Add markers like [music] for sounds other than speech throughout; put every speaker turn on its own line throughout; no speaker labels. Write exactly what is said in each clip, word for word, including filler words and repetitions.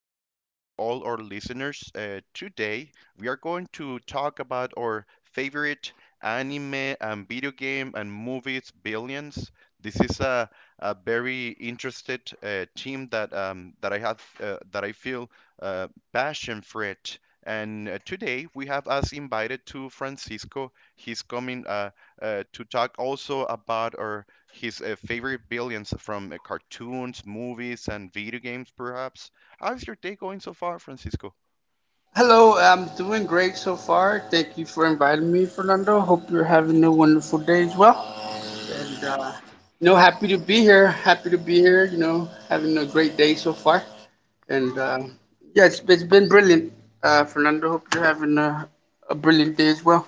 Welcome to all our listeners. Uh, today, we are going to talk about our favorite anime and video game and movies, Billions. This is a, a very interested uh, team that um, that I have uh, that I feel uh, passion for it. And uh, today we have us invited to Francisco. He's coming uh, uh, to talk also about our his uh, favorite villains from uh, cartoons, movies, and video games, perhaps. How's your day going so far, Francisco?
Hello, I'm doing great so far. Thank you for inviting me, Fernando. Hope you're having a wonderful day as well. And, uh, you know, happy to be here. Happy to be here, you know, having a great day so far. And, uh, yeah, it's, it's been brilliant, uh, Fernando. Hope you're having a, a brilliant day as well.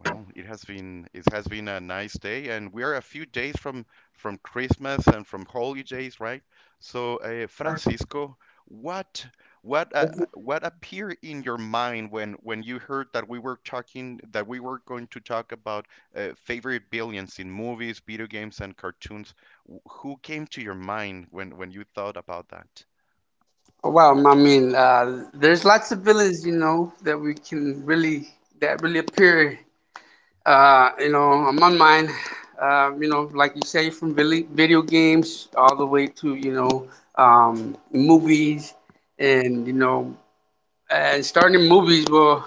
Well, it has been it has been a nice day, and we are a few days from from Christmas and from holidays, right? So, uh, Francisco, what what uh, uh, what appeared in your mind when when you heard that we were talking that we were going to talk about uh, favorite billions in movies, video games, and cartoons? Wh- Who came to your mind when when you thought about that?
Well, I mean, uh, there's lots of villains, you know, that we can really, that really appear. Uh, you know, on mine, uh, you know, like you say, from video games all the way to, you know, um, movies and, you know, and starting movies, well,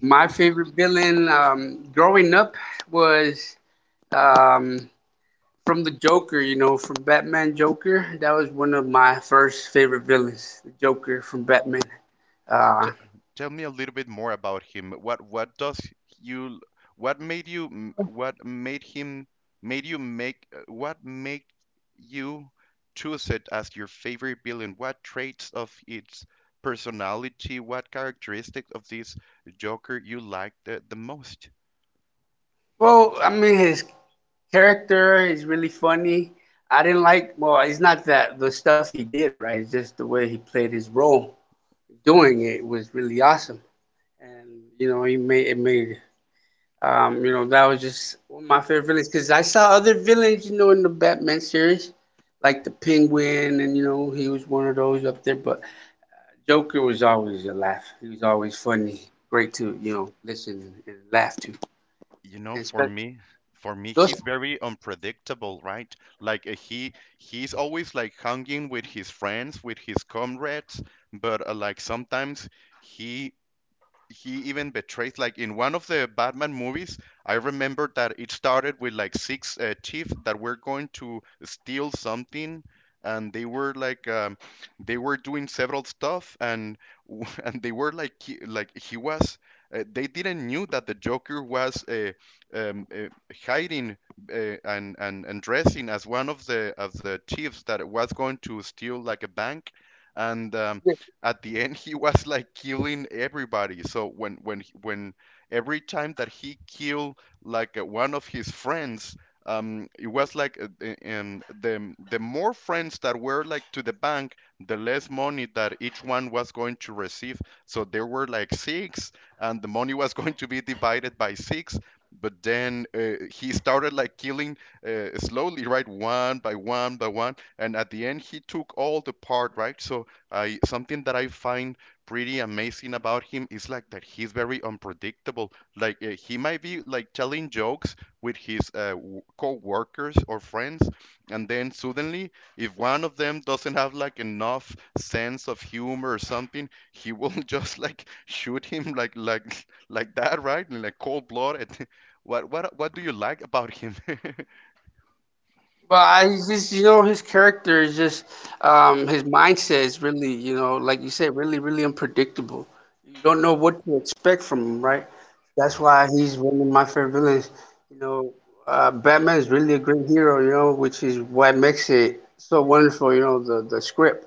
my favorite villain um, growing up was um, from the Joker, you know, from Batman Joker. That was one of my first favorite villains, the Joker from Batman.
T-
Uh,
tell me a little bit more about him. What what does you what made you m- what made him made you make uh, what made you choose it as your favorite villain? What traits of its personality, what characteristic of this Joker you liked the, the most?
well, I mean, his character. He's really funny. I didn't like. Well, it's not that the stuff he did, right? It's just the way he played his role. Doing it was really awesome, and you know, he made it made. Um, you know, that was just one of my favorite villains because I saw other villains, you know, in the Batman series, like the Penguin, and you know, he was one of those up there. But Joker was always a laugh. He was always funny, great to you know listen and laugh to,
You know,
and
for
spe-
me, for me,
those.
he's very unpredictable, right? Like uh, he he's always like hanging with his friends, with his comrades, but uh, like sometimes he he even betrays, like in one of the Batman movies. I remember that it started with like six uh, chiefs that were going to steal something, and they were like um, they were doing several stuff, and [laughs] and they were like he, like he was uh, they didn't knew that the Joker was uh, um, uh, hiding uh, and, and and dressing as one of the of the chiefs that was going to steal like a bank, and um,
Yeah.
at the end he was like killing everybody. So when when he- when every time that he killed, like uh, one of his friends, um it was like uh, the- um, the the more friends that were like to the bank, the less money that each one was going to receive. So there were like six, and the money was [laughs] going to be divided by six. But then uh, he started like killing, uh, slowly, right? One by one by one, and at the end he took all the part, right? So, I something that I find pretty amazing about him is like that he's very unpredictable. Like uh, he might be like telling jokes with his uh, w- co-workers or friends, and then suddenly, if one of them doesn't have like enough sense of humor or something, he will [laughs] just like shoot him, like like like that, right? In like cold blood. [laughs] what what what do you like about him? [laughs]
Well, I he's just you know his character is just um, his mindset is really you know like you said really really unpredictable. You don't know what to expect from him, right? That's why he's one of my favorite villains. You know, uh, Batman is really a great hero. You know, which is what makes it so wonderful. You know, the the script.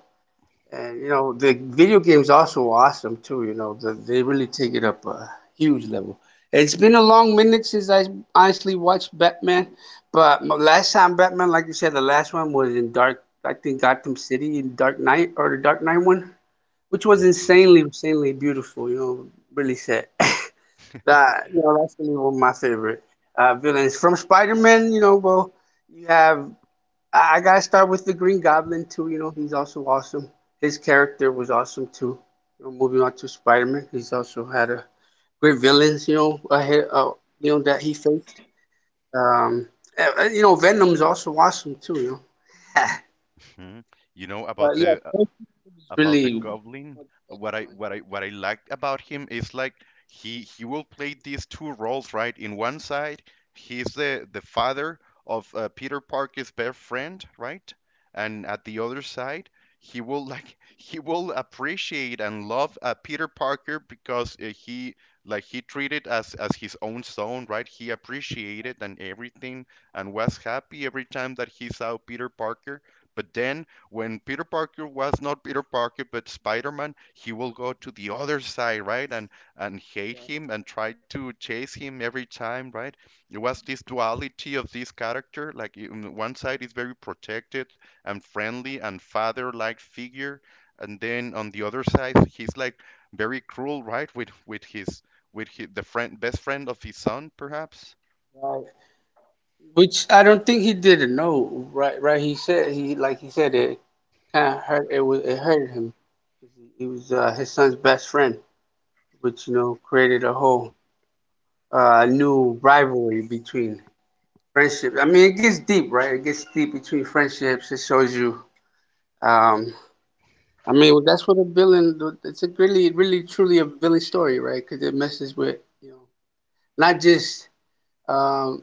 And you know, the video games also awesome too. You know, the, they really take it up a huge level. It's been a long minute since I honestly watched Batman, but my last time Batman, like you said, the last one was in Dark. I think Gotham City in Dark Knight or the Dark Knight one, which was insanely, insanely beautiful. You know, really sad. [laughs] that you know, that's really one of my favorite uh, villains from Spider-Man. You know, well, you have I, I gotta start with the Green Goblin too. You know, he's also awesome. His character was awesome too. You know, moving on to Spider Man, he's also had a great villains. You know, ahead, uh, you know that he faced. Um, uh, uh, you know, Venom's also awesome too. You know, [laughs]
Hmm. You know about
but yeah,
the
Venom is
about the
really.
Goblin, what i what i what i liked about him is like, he he will play these two roles, right? In one side, he's the the father of uh, Peter Parker's best friend, right. And at the other side, he will [laughs] like he will appreciate and love uh, Peter Parker, because uh, he like he treated as as his own son, right. He appreciated and everything, and was happy every time that he saw Peter Parker. But then when Peter Parker was not Peter Parker but Spider-Man, he will go to the other side, right? And and hate him and try to chase him every time, right? It was this duality of this character, like you- one side is very protected and friendly and father-like figure, and then on the other side he's like very cruel, right? With with his with his, the friend best friend of his son, perhaps.
Right. Which I don't think he didn't know. Right, right. He said he like he said it kind of hurt. It was it hurt him. He was uh, his son's best friend, which you know created a whole uh, new rivalry between friendships. I mean, it gets deep, right? It gets deep between friendships. It shows you. Um, I mean, well, that's what a villain. It's a really, really, truly a villain story, right? Because it messes with you know not just um,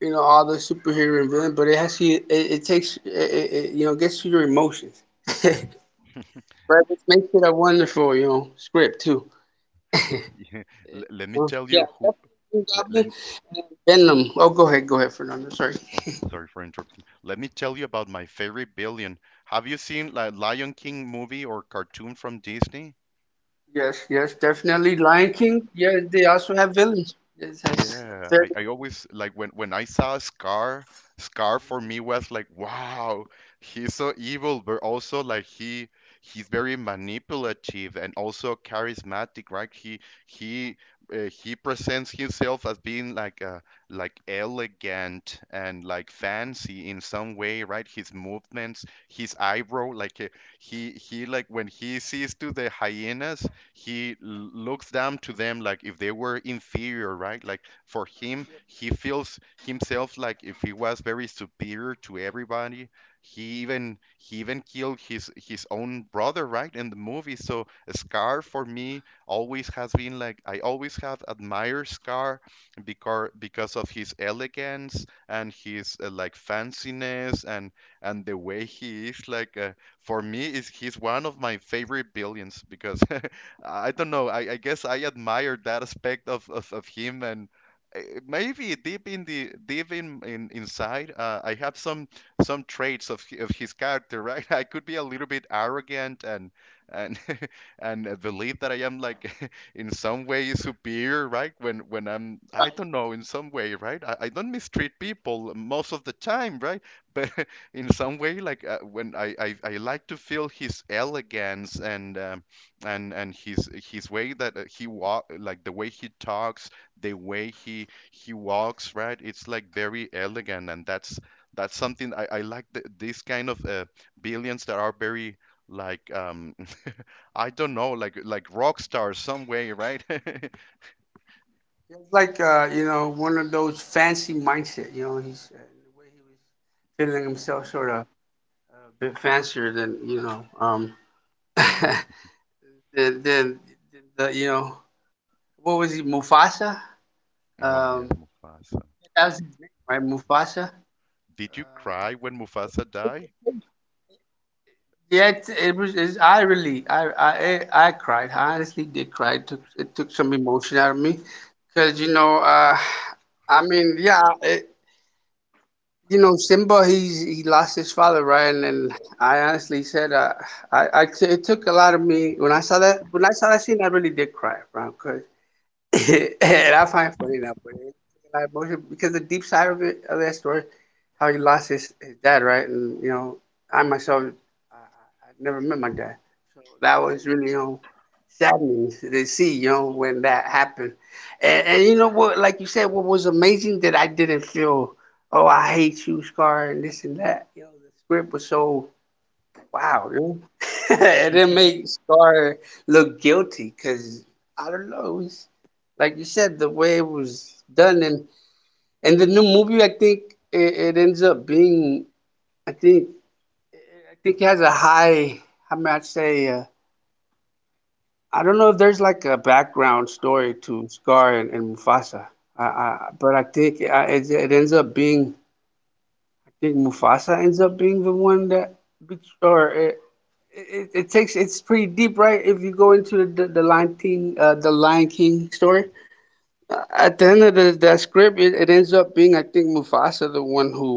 you know all the superhero and villain, but it has to. It, it takes it, it, it, you know gets to your emotions, [laughs] right? Which makes it a wonderful you know script too.
[laughs] L- let me
[laughs]
tell
Yeah,
you who.
definitely Green
Let, let,
Goblin. Venom. Oh, go ahead, go ahead, Fernando. Sorry.
Oh, sorry for interrupting. Let me tell you about my favorite billion. Have you seen like Lion King movie or cartoon from Disney?
Yes, yes, definitely. Lion King, yeah, they also have villains. Yes, yes.
Yeah,
They.
I, I always like when when I saw Scar. Scar for me was like, wow, he's so evil, but also like he he's very manipulative and also charismatic, right? He he uh, he presents himself as being like uh like elegant and like fancy in some way, right? His movements, his eyebrow, like uh, he he like when he sees to the hyenas, he l- looks down to them like if they were inferior, right? Like for him, he feels himself like if he was very superior to everybody. He even he even killed his his own brother, right, in the movie. So Scar for me always has been like, I always have admired Scar because because of his elegance and his uh, like fanciness, and and the way he is like, uh, for me is he's one of my favorite villains because [laughs] I don't know. I, I guess I admired that aspect of, of, of him, and eh, maybe deep in the deep in, in inside, uh, I have some some traits of hi- of his character, right? [laughs] I could be a little bit arrogant and and [laughs] and uh, believe that I am like [laughs] in some way superior, right? When when I'm I don't know, in some way, right? I, I don't mistreat people most of the time, right? But [laughs] in some way, like uh, when I, I I like to feel his elegance and. Um, and and his his way, that uh, he walk like the way he talks, the way he he walks, right? It's like very elegant, and that's that's something i, I like th these kind of uh, billions that are very like um [laughs] I don't know, like like rock stars, some way, right? [laughs]
It's like uh, you know, one of those fancy mindset. You know, he's uh, the way he was feeling himself sort of a bit fancier than you know, um, [laughs] than, than the, you know, what was he, Mufasa?
Oh
Um,
yes, Mufasa.
that was his name, right? Mufasa.
Did you
Um,
cry when Mufasa died?
Yeah, it's, it was. It's, I really, I, I, I I cried. I honestly did cry. It took, it took some emotion out of me, because you know, uh, I mean, yeah, it, you know, Simba, he's he lost his father, right? And, and I honestly said, uh, I, I, t- it took a lot of me when I saw that. When I saw that scene, I really did cry, right? [laughs] And I find it funny now, but it's a lot of emotion because the deep side of it of that story, how he lost his, his dad, right? And you know, I myself, I, I I never met my dad, so that was really you know saddening to see, you know, when that happened. And, and you know what, like you said, what was amazing that I didn't feel, oh, I hate you, Scar, and this and that. You know, the script was so like, wow, really? [laughs] And it made Scar look guilty because I don't know. It's, like you said, the way it was done, and and the new movie, I think it, it ends up being. I think I think it has a high. How might I say. Uh, I don't know if there's like a background story to Scar and, and Mufasa. I, I, but I think I, it, it ends up being. I think Mufasa ends up being the one that, betrays- or it, it takes it's pretty deep, right? If you go into the the, the Lion King, uh, the Lion King story. Uh, at the end of the, that script, it, it ends up being I think Mufasa, the one who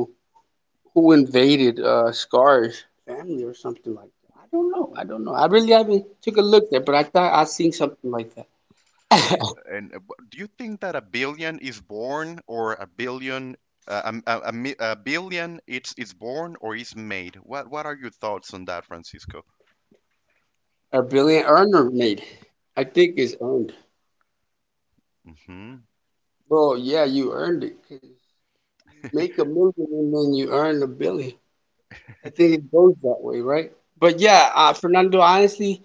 who invaded uh, Scar's family or something like that. I don't know. I don't know. I really haven't took a look there, but I thought I seen something like that.
And uh, wh- do you think that a billion is born, or a billion uh, um, a, a, mi- a billion it's it's born or is made? What what are your thoughts on that, Francisco?
A brilliant earner made. I think it's earned.
Hmm.
Well, yeah, you earned it 'cause you make a million and then you earn a billion. I think it goes that way, right? But yeah, uh, Fernando, honestly,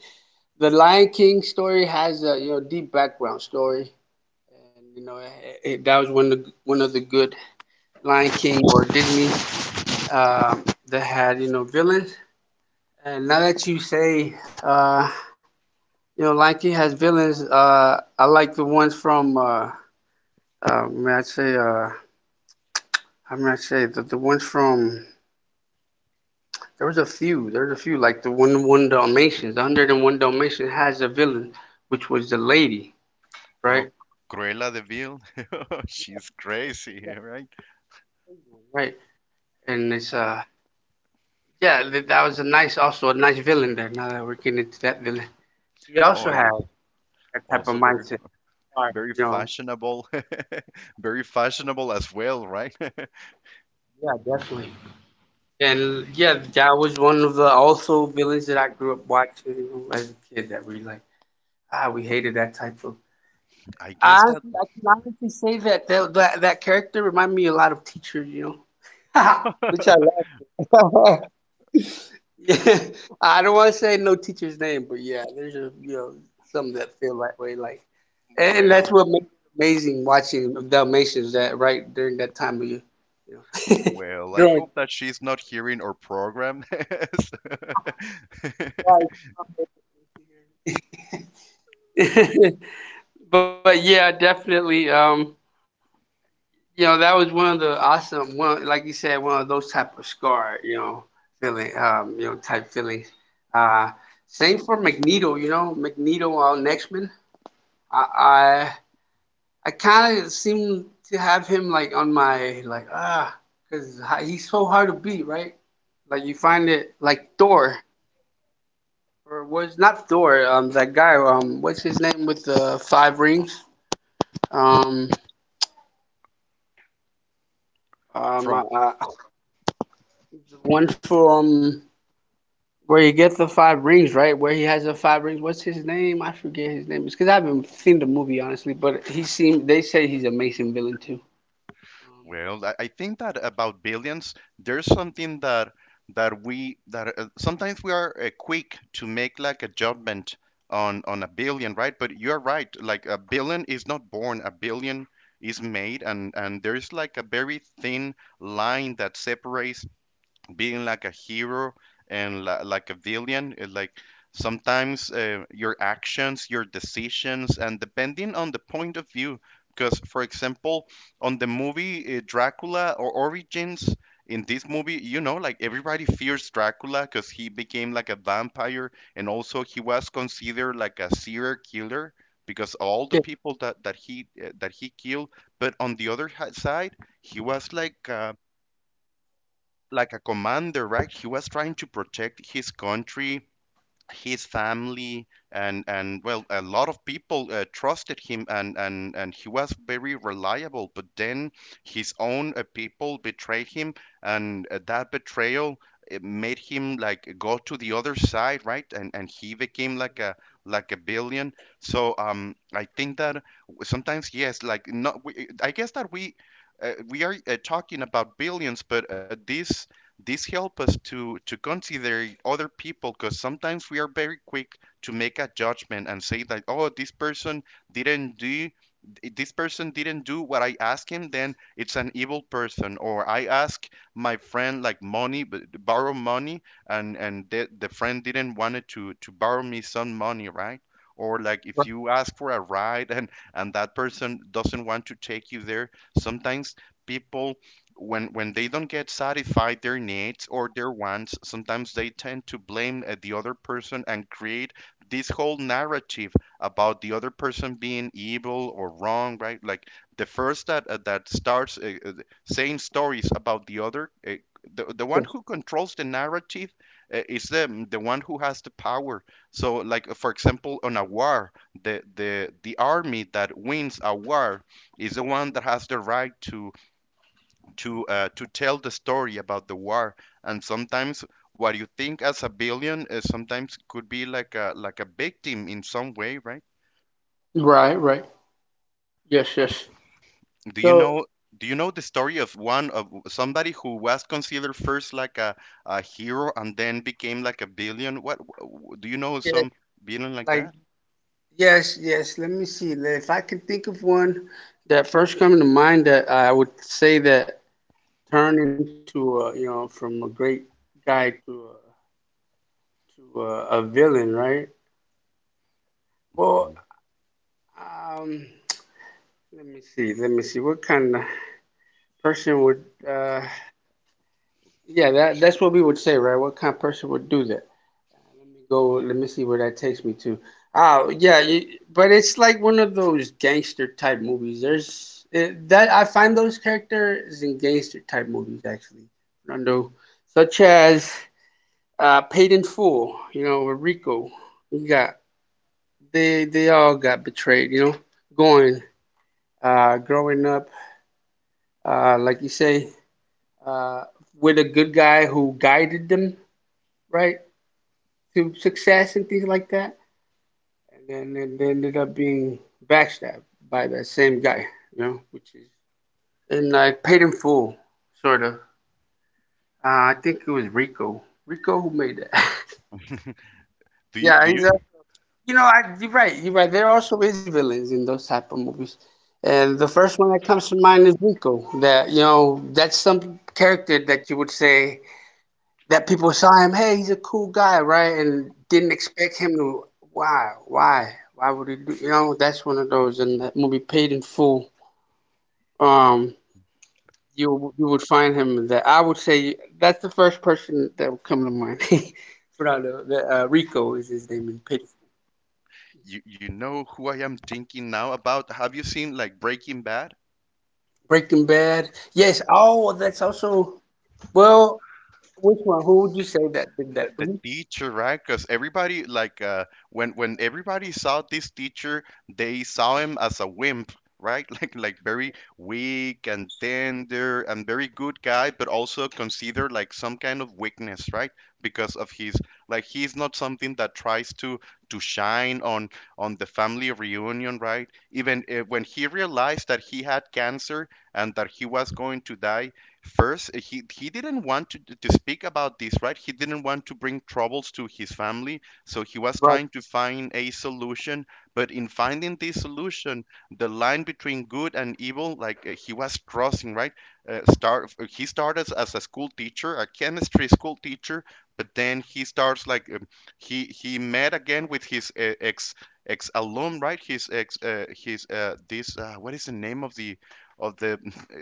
the Lion King story has a you know deep background story, and you know it, it, that was one of the, one of the good Lion King or Disney um, that had you know villains. And now that you say uh, you know Lion King has villains, uh, I like the ones from uh, uh, may I say uh, I may I say the the ones from there was a few there's a few like the one one Dalmatians, the hundred and one Dalmatians has a villain, which was the lady,
Oh,
right?
Cruella de Vil, [laughs] she's crazy, right?
Right. And it's uh yeah, th- that was a nice also a nice villain there. Now that we're getting into that villain, he also
Oh
had
yes,
that type of
also very,
mindset. All right.
very
You know,
fashionable, [laughs] very fashionable as well, right? [laughs]
yeah, definitely. And yeah, that was one of the also villains that I grew up watching you know, as a kid. That we like ah we hated that type of.
I guess that,
Honestly, I can honestly say that that that, that, character reminded me a lot of teachers. You know, [laughs] which I love. [laughs] Yeah, [laughs] I don't want to say no teacher's name, but yeah, there's a you know some that feel that way. Like, and that's
well.
what makes it amazing watching Dalmatians that right during that time of year, you
Well, I
know,
hope that she's not hearing our program, [laughs] so-
[laughs] during life. [laughs] But yeah, definitely. Um, you know, that was one of the awesome one, like you said, one of those type of scar, you know, feeling, um, you know, type feelings. Uh, same for Magneto. You know, Magneto on X Men. I, I kind of seem to have him like on my like ah, because he's so hard to beat, right? Like you find it like Thor or was not Thor? Um, that guy. Um, what's his name with the five rings? Um,
[laughs]
um, uh,
from.
uh, the one from where you get the five rings, right? Where he has the five rings. What's his name? I forget his name. It's because I haven't seen the movie honestly, but he seemed. They say he's an amazing villain too. Um,
Well, I I think that about billions, there's something that that we that uh, sometimes we are uh, quick to make like a judgment on on a billion, right? But you're right. Like, a billion is not born, a billion is made, and and there's like a very thin line that separates being like a hero and li- like a villain, is like, sometimes uh, your actions, your decisions, and depending on the point of view, because, for example, on the movie uh, Dracula or Origins, in this movie, you know like, everybody fears Dracula because he became like a vampire, and also he was considered like a serial killer because all the
yeah.
people that, that he uh, that he killed. But on the other hi- side, he was like uh, like a commander, right? He was trying to protect his country, his family, and and well, a lot of people uh, trusted him, and and and he was very reliable. But then his own uh, people betrayed him, and uh, that betrayal, it made him like go to the other side, right? And and he became like a like a billion. So um, I think that sometimes, yes, like, not. We, I guess that we uh, we are uh, talking about billions, but uh, this this help us to to consider other people, because sometimes we are very quick to make a judgment and say that, oh, this person didn't do this person didn't do what I asked him, then it's an evil person. Or I ask my friend like money, but borrow money, and and the, the friend didn't want it to to borrow me some money, right? Or like if
Right.
you ask for a ride [laughs] and and that person doesn't want to take you there, sometimes people when when they don't get satisfied their needs or their wants, sometimes they tend to blame uh, the other person and create this whole narrative about the other person being evil or wrong, right? Like the first that uh, that starts uh, uh, saying stories about the other, uh, the, the one who controls the narrative, uh, is the the one who has the power. So like, uh, for example, on a war, the the the army that wins a war is the one that has the right to to uh, to tell the story about the war. And sometimes what you think as a billion is sometimes could be like a like a victim in some way, right?
Right. Right. Yes. Yes.
do you
So
know do you know the story of one of somebody who was considered first like a, a hero and then became like a billion? What, do you know
yeah,
some billion like
like
that?
yes, yes. Let me see. le- If I can think of one that first come to mind that I would say that turned into a, you know, from a great guy to a, to a, a villain, right? Well, um, let me see. Let me see. What kind of person would, uh, yeah, that that's what we would say, right? What kind of person would do that? Let me go. Let me see where that takes me to. Oh, yeah, you, but it's like one of those gangster type movies. There's it, that I find those characters in gangster type movies actually, Fernando, such as uh, Paid in Full. You know, with Rico, you got they they all got betrayed. You know, going uh, growing up, uh, like you say, uh, with a good guy who guided them right to success and things like that and then and they ended up being backstabbed by that same guy, you know, which is and I paid in full, sort of. Uh, I think it was Rico. Rico who made that. [laughs]
do you
yeah,
do
he's
you,
a, you know, I, You're right. You're right. There also is villains in those type of movies, and the first one that comes to mind is Rico. That, you know, that's some character that you would say that people saw him. Hey, he's a cool guy, right? And didn't expect him to. Why? Why? Why would he do? You know, that's one of those. And that movie, Paid in Full. Um, you you would find him that I would say that's the first person that would come to mind. [laughs] Without a- the, uh, Rico is his name in Pit-
you you know who I am thinking now about? Have you seen like Breaking Bad?
Breaking Bad. Yes. Oh, that's also well. Which one? Who would you say that did
the,
that?
the
Mhm.
teacher, right? Because everybody, like, uh, when when everybody saw this teacher, they saw him as a wimp, right? [laughs] Like, like very weak and tender and very good guy, but also considered like some kind of weakness, right? Because of his, like, he's not something that tries to to shine on on the family reunion, right? Even uh, when he realized that he had cancer and that he was going to die, first, he he didn't want to to speak about this, right? He didn't want to bring troubles to his family, so he was
Right.
trying to find a solution. But in finding this solution, the line between good and evil, like uh, he was crossing, right? Uh, start he started as a school teacher, a chemistry school teacher, but then he starts like um, he he met again with his uh, ex ex alum, right? His ex, uh, his uh, this uh, what is the name of the of the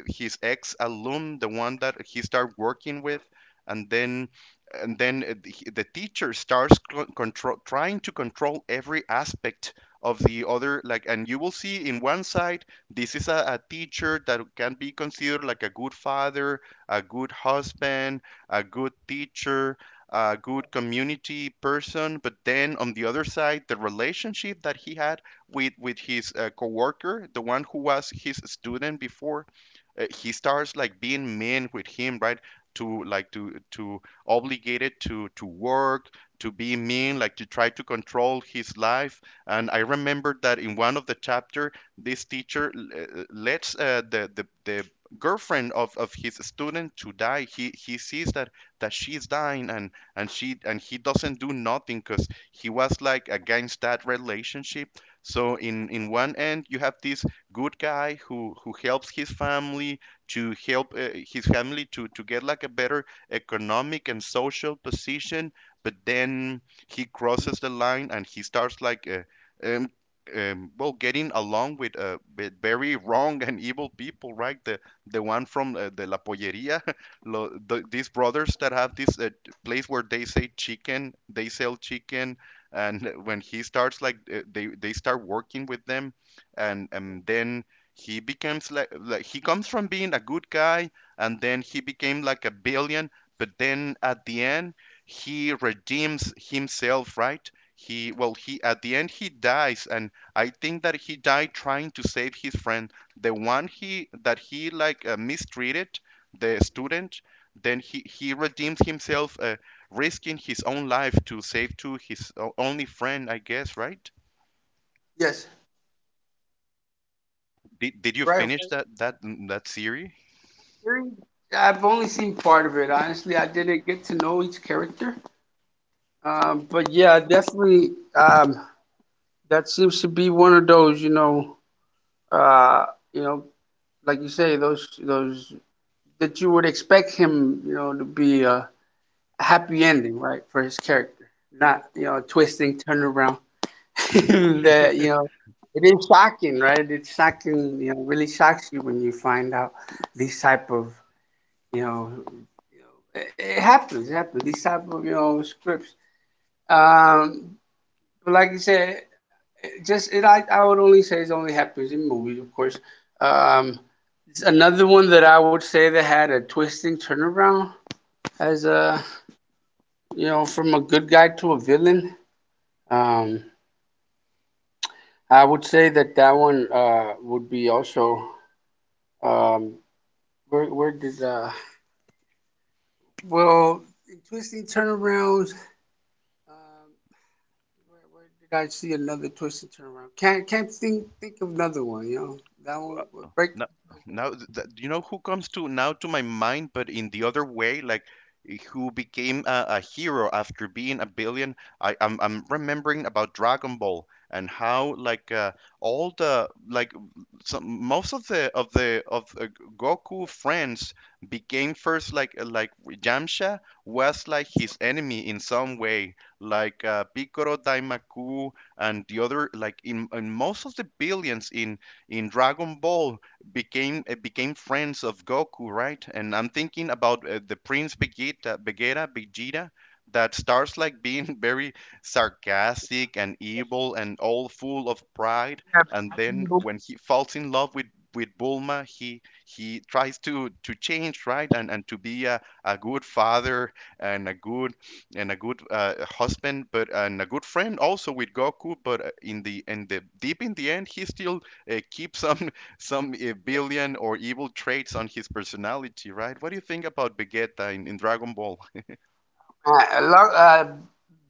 his ex alum, the one that he started working with, and then and then uh, the the teacher starts co- control trying to control every aspect of the other. Like, and you will see, in one side, this is a, a teacher that can be considered like a good father, a good husband, a good teacher, a good community person, but then on the other side, the relationship that he had with with his uh, coworker, the one who was his student before, uh, he starts like being mean with him, right? To like to to obligate it to to work, to be mean, like to try to control his life. And I remember that in one of the chapter, this teacher uh, lets uh, the, the the girlfriend of, of his student to die. He he sees that that she's dying, and and she and he doesn't do nothing because he was like against that relationship. So in in one end, you have this good guy who who helps his family to help uh, his family to to get like a better economic and social position. But then he crosses the line and he starts like, uh, um, um, well, getting along with, uh, with very wrong and evil people, right? The the one from, uh, the la polleria, [laughs] lo, the, these brothers that have this, uh, place where they say chicken, they sell chicken. And when he starts like, uh, they they start working with them, and and then he becomes like like he comes from being a good guy, and then he became like a villain. But then at the end, he redeems himself, right? He, well, he at the end he dies, and I think that he died trying to save his friend, the one he that he like uh, mistreated, the student. Then he he redeems himself, uh, risking his own life to save to his o- only friend, I guess, right?
Yes.
Did, did you
Right.
finish
right.
that that that series?
Theory? I've only seen part of it. Honestly, I didn't get to know each character. Um, but yeah, definitely. Um, that seems to be one of those. You know. Uh, you know, like you say, those those that you would expect him, you know, to be a happy ending, right, for his character, not, you know, a twisting turnaround. [laughs] That, you know, it is shocking, right? It's shocking, you know, really shocks you when you find out these type of, you know, it happens, it happens. These type of, you know, scripts. Um, but like you said, it just it, I, I would only say it only happens in movies, of course. Um, it's another one that I would say that had a twisting turnaround as a, you know, from a good guy to a villain, um, I would say that that one uh, would be also, um, where where did uh, well in twisting turnarounds. Um, where, where did I see another twisting turnaround? Can't can't think think of another one. You know that one break.
No, now that, you know who comes to now to my mind, but in the other way, like, eh, who became a, a hero after being a billion. I, I'm I'm remembering about Dragon Ball, and how like, uh, all the, like, some, most of the of the of uh, Goku friends became first like, uh, like Yamcha was like his enemy in some way, like, uh, Piccolo, Daimaku, and the other, like, in, in most of the billions in in Dragon Ball became uh, became friends of Goku, right? And I'm thinking about, uh, the Prince Vegeta, Vegeta, Vegeta, that starts like being [laughs] very sarcastic and evil and all full of pride,
Yeah,
and
Dragon
then
Ball.
when he falls in love with with Bulma, he he tries to to change, right? And and to be a, a good father and a good and a good uh, husband, but, and a good friend also with Goku. But uh, in the, in the deep, in the end, he still uh, keeps [laughs] some some uh, billion or evil traits on his personality, right? What do you think about Vegeta in, in Dragon Ball? [laughs]
Uh, I love uh,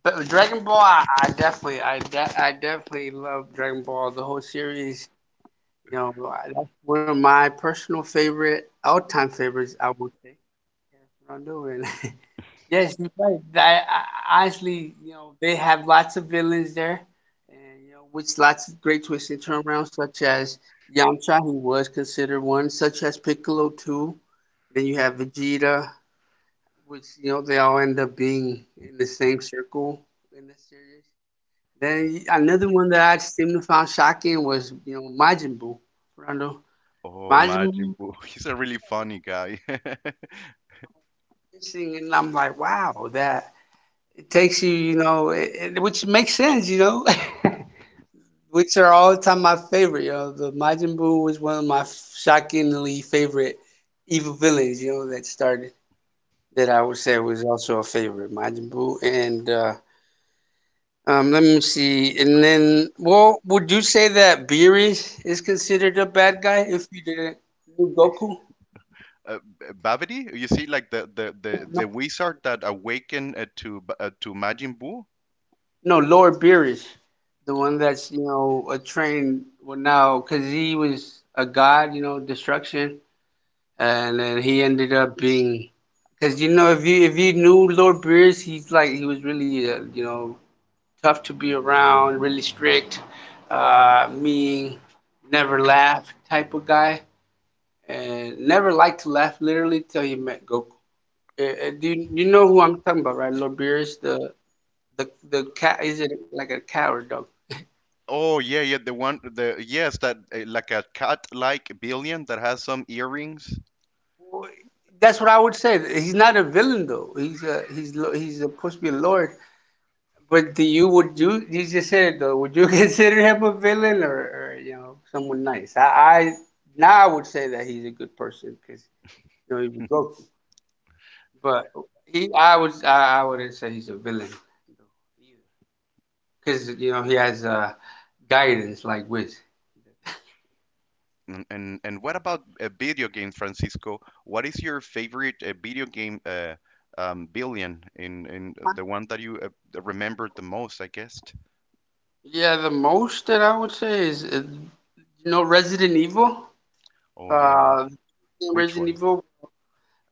but Dragon Ball. I, I definitely I de- I definitely love Dragon Ball. The whole series. You know, I- that's one of my personal favorite, all-time favorites, I would say. Yeah, that's what I'm doing. [laughs] Yes, you're right. That, I, honestly, you know, they have lots of villains there, and, you know, with lots of great twists and turnarounds, such as Yamcha. He was considered one, such as Piccolo too. Then you have Vegeta, which, you know, they all end up being in the same circle in this series. Then y- another one that I seem to found shocking was, you know, Majin Buu, Rondo
Oh,
reminds
Majin
me
Buu, [laughs] he's a really funny guy. [laughs] uh,
listening, and I'm like, wow, that it takes you, you know, it, it- which makes sense, you know. [laughs] Which are all the time my favorite. You know, the Majin Buu was one of my shockingly favorite evil villains, you know, that started, that I would say was also a favorite, Majin Buu. And uh, um, Let me see, and then, well, would you say that Beerus is considered a bad guy if you didn't do Goku?
B- Babidi, you see, like the the the, the wizard that awakened, uh, to B- uh, to Majin Buu.
No, Lord Beerus, the one that's, you know, a trained well now because he was a god, you know, destruction, and then he ended up being, because, you know, if you if you knew Lord Beerus, he's like he was really uh, you know, tough to be around, really strict, uh, mean, never laugh type of guy, and never liked to laugh literally till you met Goku. Uh, uh, do you, you know who I'm talking about, right? Lord Beerus, the the the cat, is it like a coward dog?
Oh yeah, yeah, the one, the, yes, that, uh, like a cat-like billion that has some earrings.
That's what I would say. He's not a villain though. He's a, he's lo- he's supposed to be a lord. But do you, would you, you just said it though? Would you [laughs] consider him a villain, or, or you know, someone nice? I, I now I would say that he's a good person because, you know, he was
[laughs]
broken. But he, I was I, I wouldn't say he's a villain because, you know, he has, uh, guidance like Wiz.
And and, and what about a video game, Francisco? What is your favorite uh, video game uh, um, billion in in the one that you uh, remembered the most, I guess.
Yeah, the most that I would say is uh, you know, Resident Evil.
Oh yeah, yeah.
Uh,
Which
Resident
one?
Evil.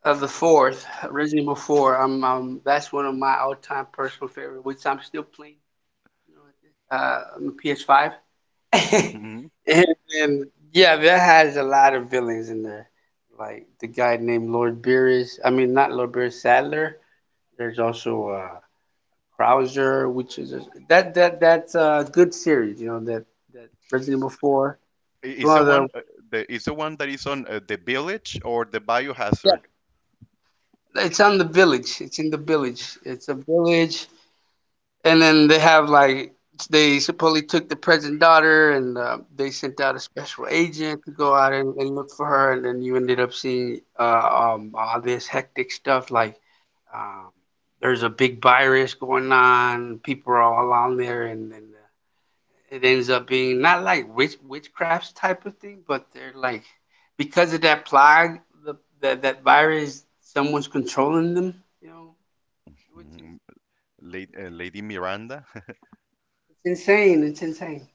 Of the fourth, Resident Evil Four, i I'm, um, that's one of my all-time personal favorite, which I'm still playing, you know, uh, on the P S five. [laughs]
Hmm.
And, and yeah, that has a lot of villains in there, like the guy named Lord Beerus. I mean, not Lord Beerus, Sadler. There's also uh, Krauser, which is a, that that that's a good series, you know. That that Resident Evil Four. It's
Is the
one of
one,
the
uh, the is the one that is on, uh, the village or the
yeah.
Biohazard?
It's on the village. It's in the village. It's a village, and then they have like they supposedly took the president daughter, and uh, they sent out a special agent to go out and, and look for her, and then you ended up seeing uh, um, all this hectic stuff like, um, there's a big virus going on, people are all on there, and, and uh, it ends up being not like witch witchcraft type of thing, but they're like because of that plague, the, that, that virus, someone's controlling them, you know, which is,
Mm, La- uh, Lady Miranda.
it's insane. It's insane.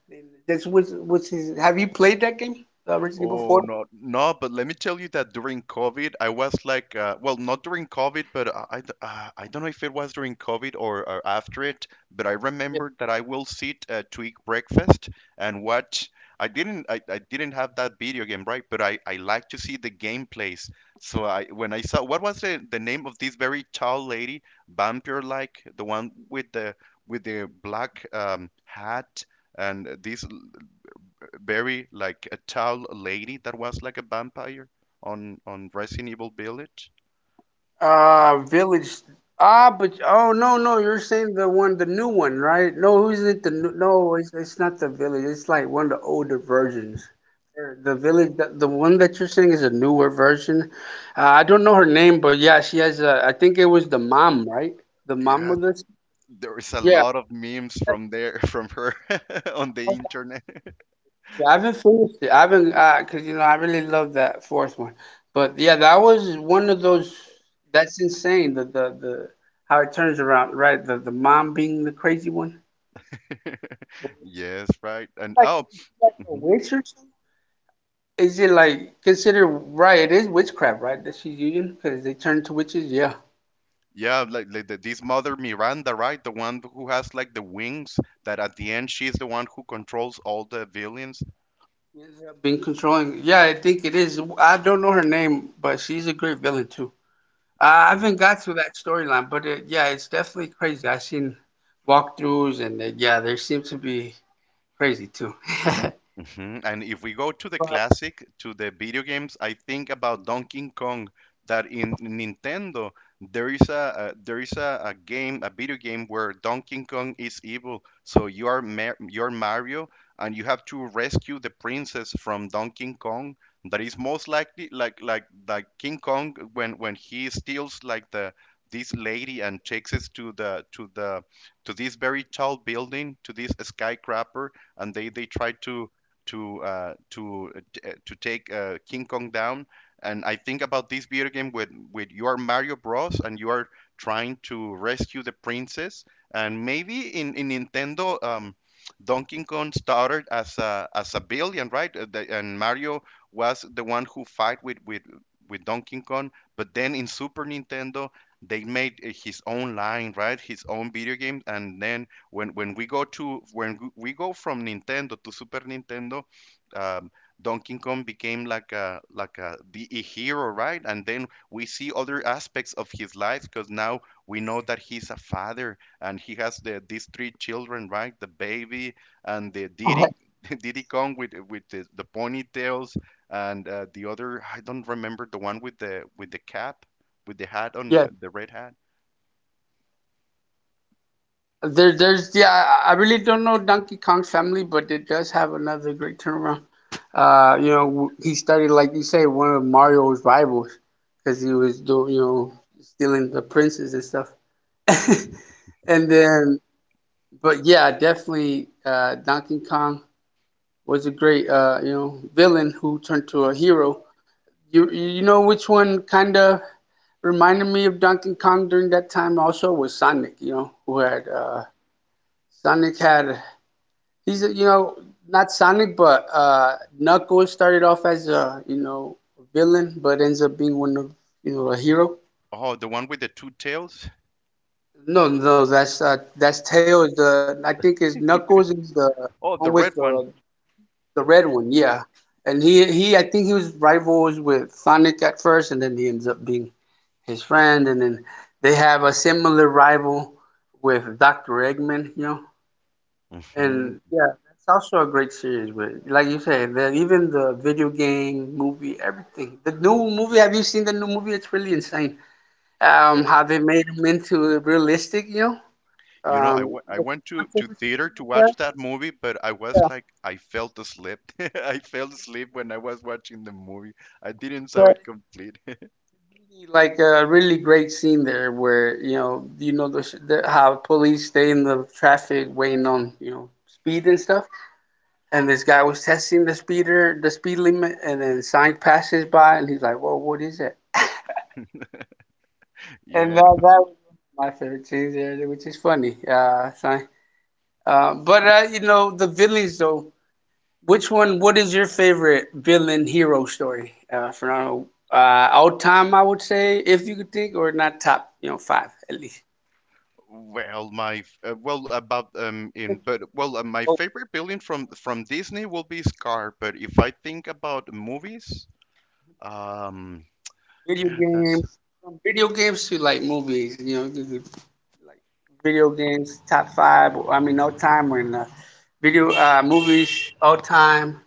That's what's what's his, have you played that game, uh, Resident Evil
Oh
Four?
no, no! But let me tell you that during COVID, I was like, uh, well, not during COVID, but I, I d- uh, I don't know if it was during COVID or, or after it. But I
Yeah.
remembered that I will sit uh, to eat breakfast and watch. I didn't, I, I didn't have that video game, right? But I, I like to see the gameplays. So I, when I saw what was the, the name of this very tall lady, vampire like, the one with the with the black um, hat, and this very like a tall lady that was like a vampire on on Resident Evil Village.
Uh, Village. Ah, but oh no no, you're saying the one, the new one, right? No, who's it? The new, no, it's, it's not the Village. It's like one of the older versions. Or The Village, the, the one that you're saying is a newer version. Uh, I don't know her name, but yeah, she has a. I think it was the mom, right? The mom
Yeah,
of this.
there is a
Yeah.
lot of memes from there, from her, [laughs] on the internet.
Yeah, I haven't finished it. I haven't, uh 'cause Because, you know, I really love that fourth one. But yeah, that was one of those. That's insane. The the the How it turns around, right? The the mom being the crazy one.
[laughs] Yes, right. And,
Like,
oh,
like a
mhm.
witch or something. Is it like considered right? It is witchcraft, right? That she's using because they turn to witches. Yeah,
Yeah, like, like the, this mother Miranda, right? The one who has like the wings, that at the end she's the one who controls all the villains.
she ends up being controlling. Yeah, I think it is. I don't know her name, but she's a great villain too. Uh, I haven't got through that storyline, but it, yeah, it's definitely crazy. I've seen walkthroughs, and uh, yeah, there seems to be crazy too. [laughs]
Hmm. And if we go to the classic, to the video games, I think about Donkey Kong. That in Nintendo there is a, uh, there is a, a game, a video game where Donkey Kong is evil. So you are Mar- you're Mario, and you have to rescue the princess from Donkey Kong. That is most likely like like like King Kong, when when he steals like the this lady and takes us to the to the to this very tall building, to this skyscraper, and they they try to to uh, to uh, uh, to take uh, King Kong down. And I think about this video game with with you are Mario Bros. And you are trying to rescue the princess. And maybe in in Nintendo, um, Donkey Kong started as a as a billion, right? Uh, the- And Mario was the one who fight with with with Donkey Kong. But then in Super Nintendo, they made uh, his own line, right? His own video game, and then when when we go to, when we go from Nintendo to Super Nintendo, um, Donkey Kong became like a, like a, the a hero, right? And then we see other aspects of his life, because now we know that he's a father and he has the these three children, right? The baby and the
But
Diddy, [laughs] Diddy Kong with with the, the ponytails, and uh, the other, I don't remember the one with the with the cap, with the hat on,
yeah,
uh, the red hat.
there, there's, yeah, I I really don't know Donkey Kong's family, but it does have another great turnaround. Uh, you know, w- he started, like you say, one of Mario's rivals because he was doing, you know, stealing the princes and stuff. [laughs] And then, but yeah, definitely uh, Donkey Kong was a great, uh, you know, villain who turned to a hero. You you know which one kind of reminded me of Donkey Kong during that time also was Sonic. You know who had, uh, Sonic had, he's a-, you know, not Sonic, but uh, Knuckles started off as a, you know, villain, but ends up being one of, you know, a hero.
Oh, the one with the two tails.
No, no, that's uh, that's Tails. The I think is Knuckles is the
Oh,
one
the
with
red
the
one.
The red one, yeah. And he he I think he was rivals with Sonic at first, and then he ends up being his friend, and then they have a similar rival with doctor Eggman, you know.
Hmm.
And yeah, that's also a great series with, like you said, the, even the video game, movie, everything. The new movie, have you seen the new movie? It's really insane. Um
Oh,
how they made him into realistic, you know.
you know, I
Um
wa- I went to to theater to watch that movie, but I was like, I fell asleep. [laughs] I fell asleep when I was watching the movie. I didn't saw it complete. [laughs]
like a really great scene there where, you know, you know the, sh- the how police stay in the traffic waiting on, you know, speed and stuff, and this guy was testing the speeder the speed limit, and then sign passes by, and he's like, "Whoa, what is it?" And
Yeah.
that, that was my favorite scene there, which is funny, uh, sign. Uh but uh, you know, the villains though, which one, what is your favorite villain hero story, uh for, uh all time, I would say, if you could think or not top, you know, five at least.
Well, my f- uh, well, about um, in, but well, uh, my
Oh,
favorite building from from Disney will be Scar. But if I think about movies, um,
video
yeah, that's,
games. From video games to like movies. You know, you could, like, video games top five. I mean, all time or not. Video, uh, movies all time.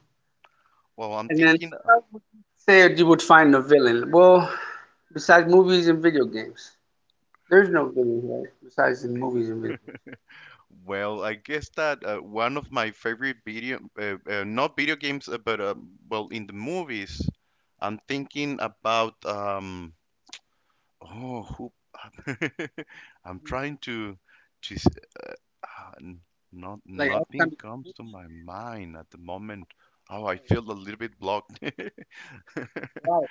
well, I'm
And then
thinking.
well, say you would find a villain. Well, besides movies and video games, there's no villain right? Besides in movies and video games.
Well, I guess that uh, one of my favorite video, uh, uh, not video games, uh, but uh, well, in the movies, I'm thinking about, um, oh, who, [laughs] I'm trying to, to, s- uh, n- not,
Like all
nothing
time.
comes to my mind at the moment. Oh, I feel a little bit blocked. [laughs]
Right. Right. [laughs]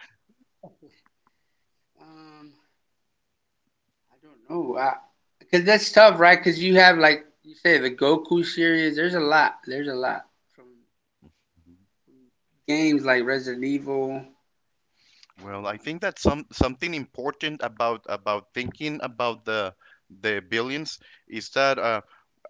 Um, I don't know. I, cause that's tough, right? Cause you have like you say the Goku series. There's a lot. There's a lot from games like Resident Evil.
Well, I
Um,
think that's some, something important about about thinking about the the billions is that, uh,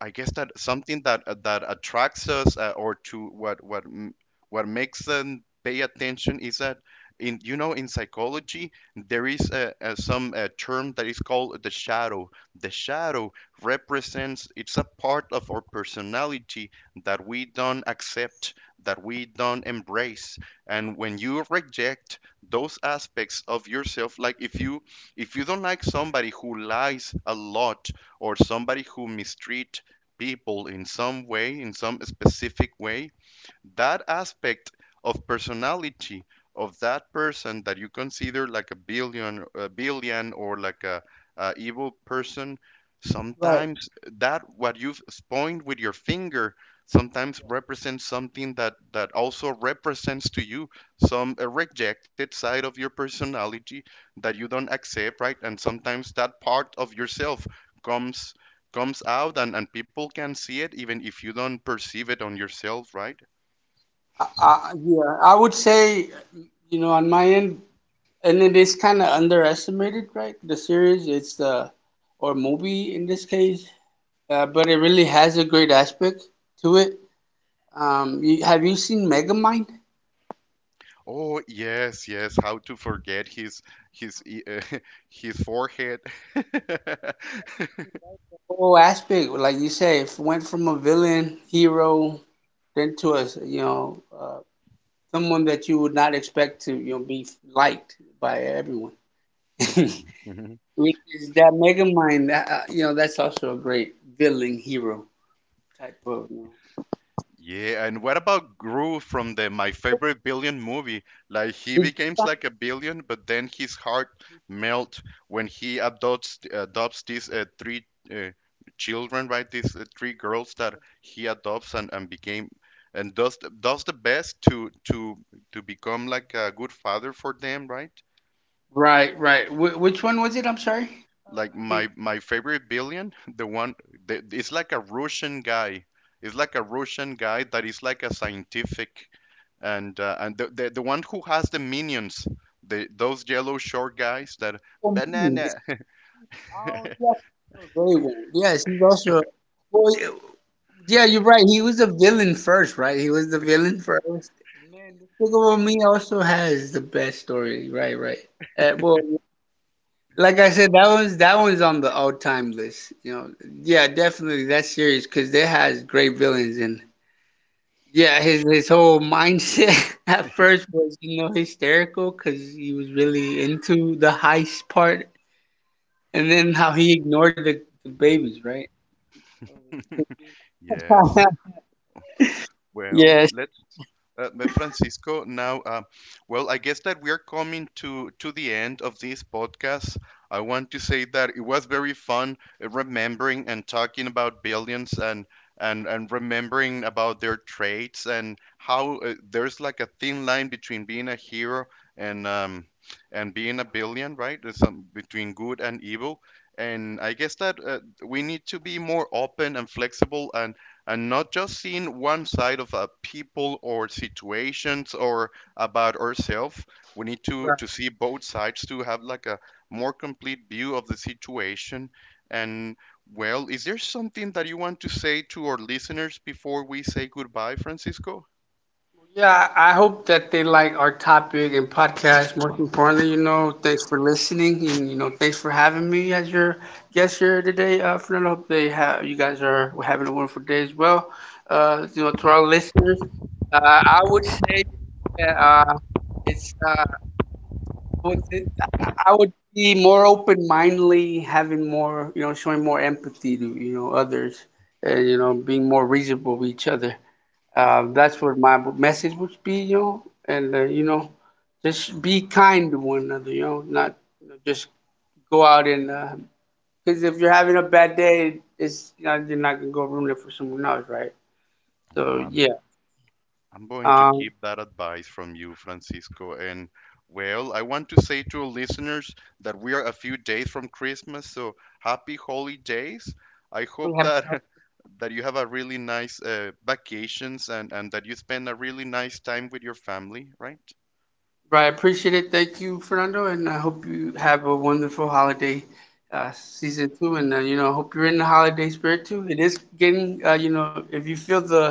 I guess that something that, uh, that attracts us, uh, or to what, what m- what makes them pay attention, is that in, you know, in psychology there is a, a, some uh term that is called the shadow. The shadow represents, it's a part of our personality that we don't accept, that we don't embrace, and when you reject those aspects of yourself, like if you, if you don't like somebody who lies a lot, or somebody who mistreat people in some way, in some specific way, that aspect of personality of that person that you consider like a billion, a billion, or like a, a evil person,
Right.
sometimes that what you've pointed with your finger sometimes represents something that that also represents to you some uh, rejected side of your personality that you don't accept, right? And sometimes that part of yourself comes comes out, and, and people can see it even if you don't perceive it on yourself, right?
I, I, yeah, I would say, you know, on my end, and it is kind of underestimated, right? The series, it's the, or movie in this case, uh, but it really has a great aspect to it. Um, you, have you seen Megamind? The
Oh yes, yes. How to forget his his e- uh, [laughs] his forehead? [laughs]
whole aspect, like you say, if went from a villain, hero, then to a, s- you know, uh, someone that you would not expect to, you know, be liked by everyone. [laughs]
Mhm.
Which is that Megamind, that, uh, you know, that's also a great villain hero type of. You know.
Yeah, and what about Gru from the My Favorite Billion movie? Like he
Did you
becomes
find?
like a billion, but then his heart melt when he adopts adopts these uh, three uh, children, right? These uh, three girls that he adopts, and and became and does the- does the best to to to become like a good father for them, right?
Right, right. Wh- which one was it? I'm sorry.
Like
I think-
my my favorite billion, the one, the, it's like a Russian guy. It's like a Russian guy that is like a scientific, and uh, and the, the the one who has the minions, the those yellow short guys that
Oh, hmm, this-
banana.
oh,
[laughs]
yes, oh, very well. Yes, he's also. Well, y- yeah, you're right. He was a villain first, right? He was the villain first. Man, Despicable Me also has the best story. Right, right. Uh, well, like I said, that one's, that one's on the all time list. You know, yeah, definitely that series because they has great villains. And yeah, his his whole mindset [laughs] at first was, you know, hysterical because he was really into the heist part, and then how he ignored the, the babies, right?
Yes.
[laughs]
Well,
Yes.
let's, uh, but Francisco, now, uh, well, I guess that we are coming to to the end of this podcast. I want to say that it was very fun, uh, remembering and talking about billions, and and and remembering about their traits, and how, uh, there's like a thin line between being a hero and, um, and being a billion, right? There's some between good and evil. And I guess that, uh, we need to be more open and flexible, and and not just seeing one side of a people or situations or about ourselves. We need to to see both sides to have like a more complete view of the situation. And, well, is there something that you want to say to our listeners before we say goodbye, Francisco?
Yeah, I hope that they like our topic and podcast. Most importantly, you know, thanks for listening, and you know, thanks for having me as your guest here today. Uh, Fernando, hope they have, you guys are having a wonderful day as well. Uh, you know, to our listeners, uh, I would say that uh, it's uh, would- I would be more open-mindedly, having more, you know, showing more empathy to, you know, others, and, you know, being more reasonable with each other. Uh, that's what my message would be, you know. And uh, you know, just be kind to one another, you know. Not, you know, just go out and, because if you're having a bad day, it's, you know, you're not gonna go ruin it for someone else, right? So yeah,
I'm going to
um,
keep that advice from you, Francisco. And, well, I want to say to our listeners that we are a few days from Christmas, so happy holidays. I
we
hope
have-
that [laughs] that you have a really nice uh, vacations, and and that you spend a really nice time with your family, right?
right. I appreciate it. Thank you, Fernando, and I hope you have a wonderful holiday. Uh, season too. And uh, you know, I hope you're in the holiday spirit too. It is getting, uh, you know, if you feel the the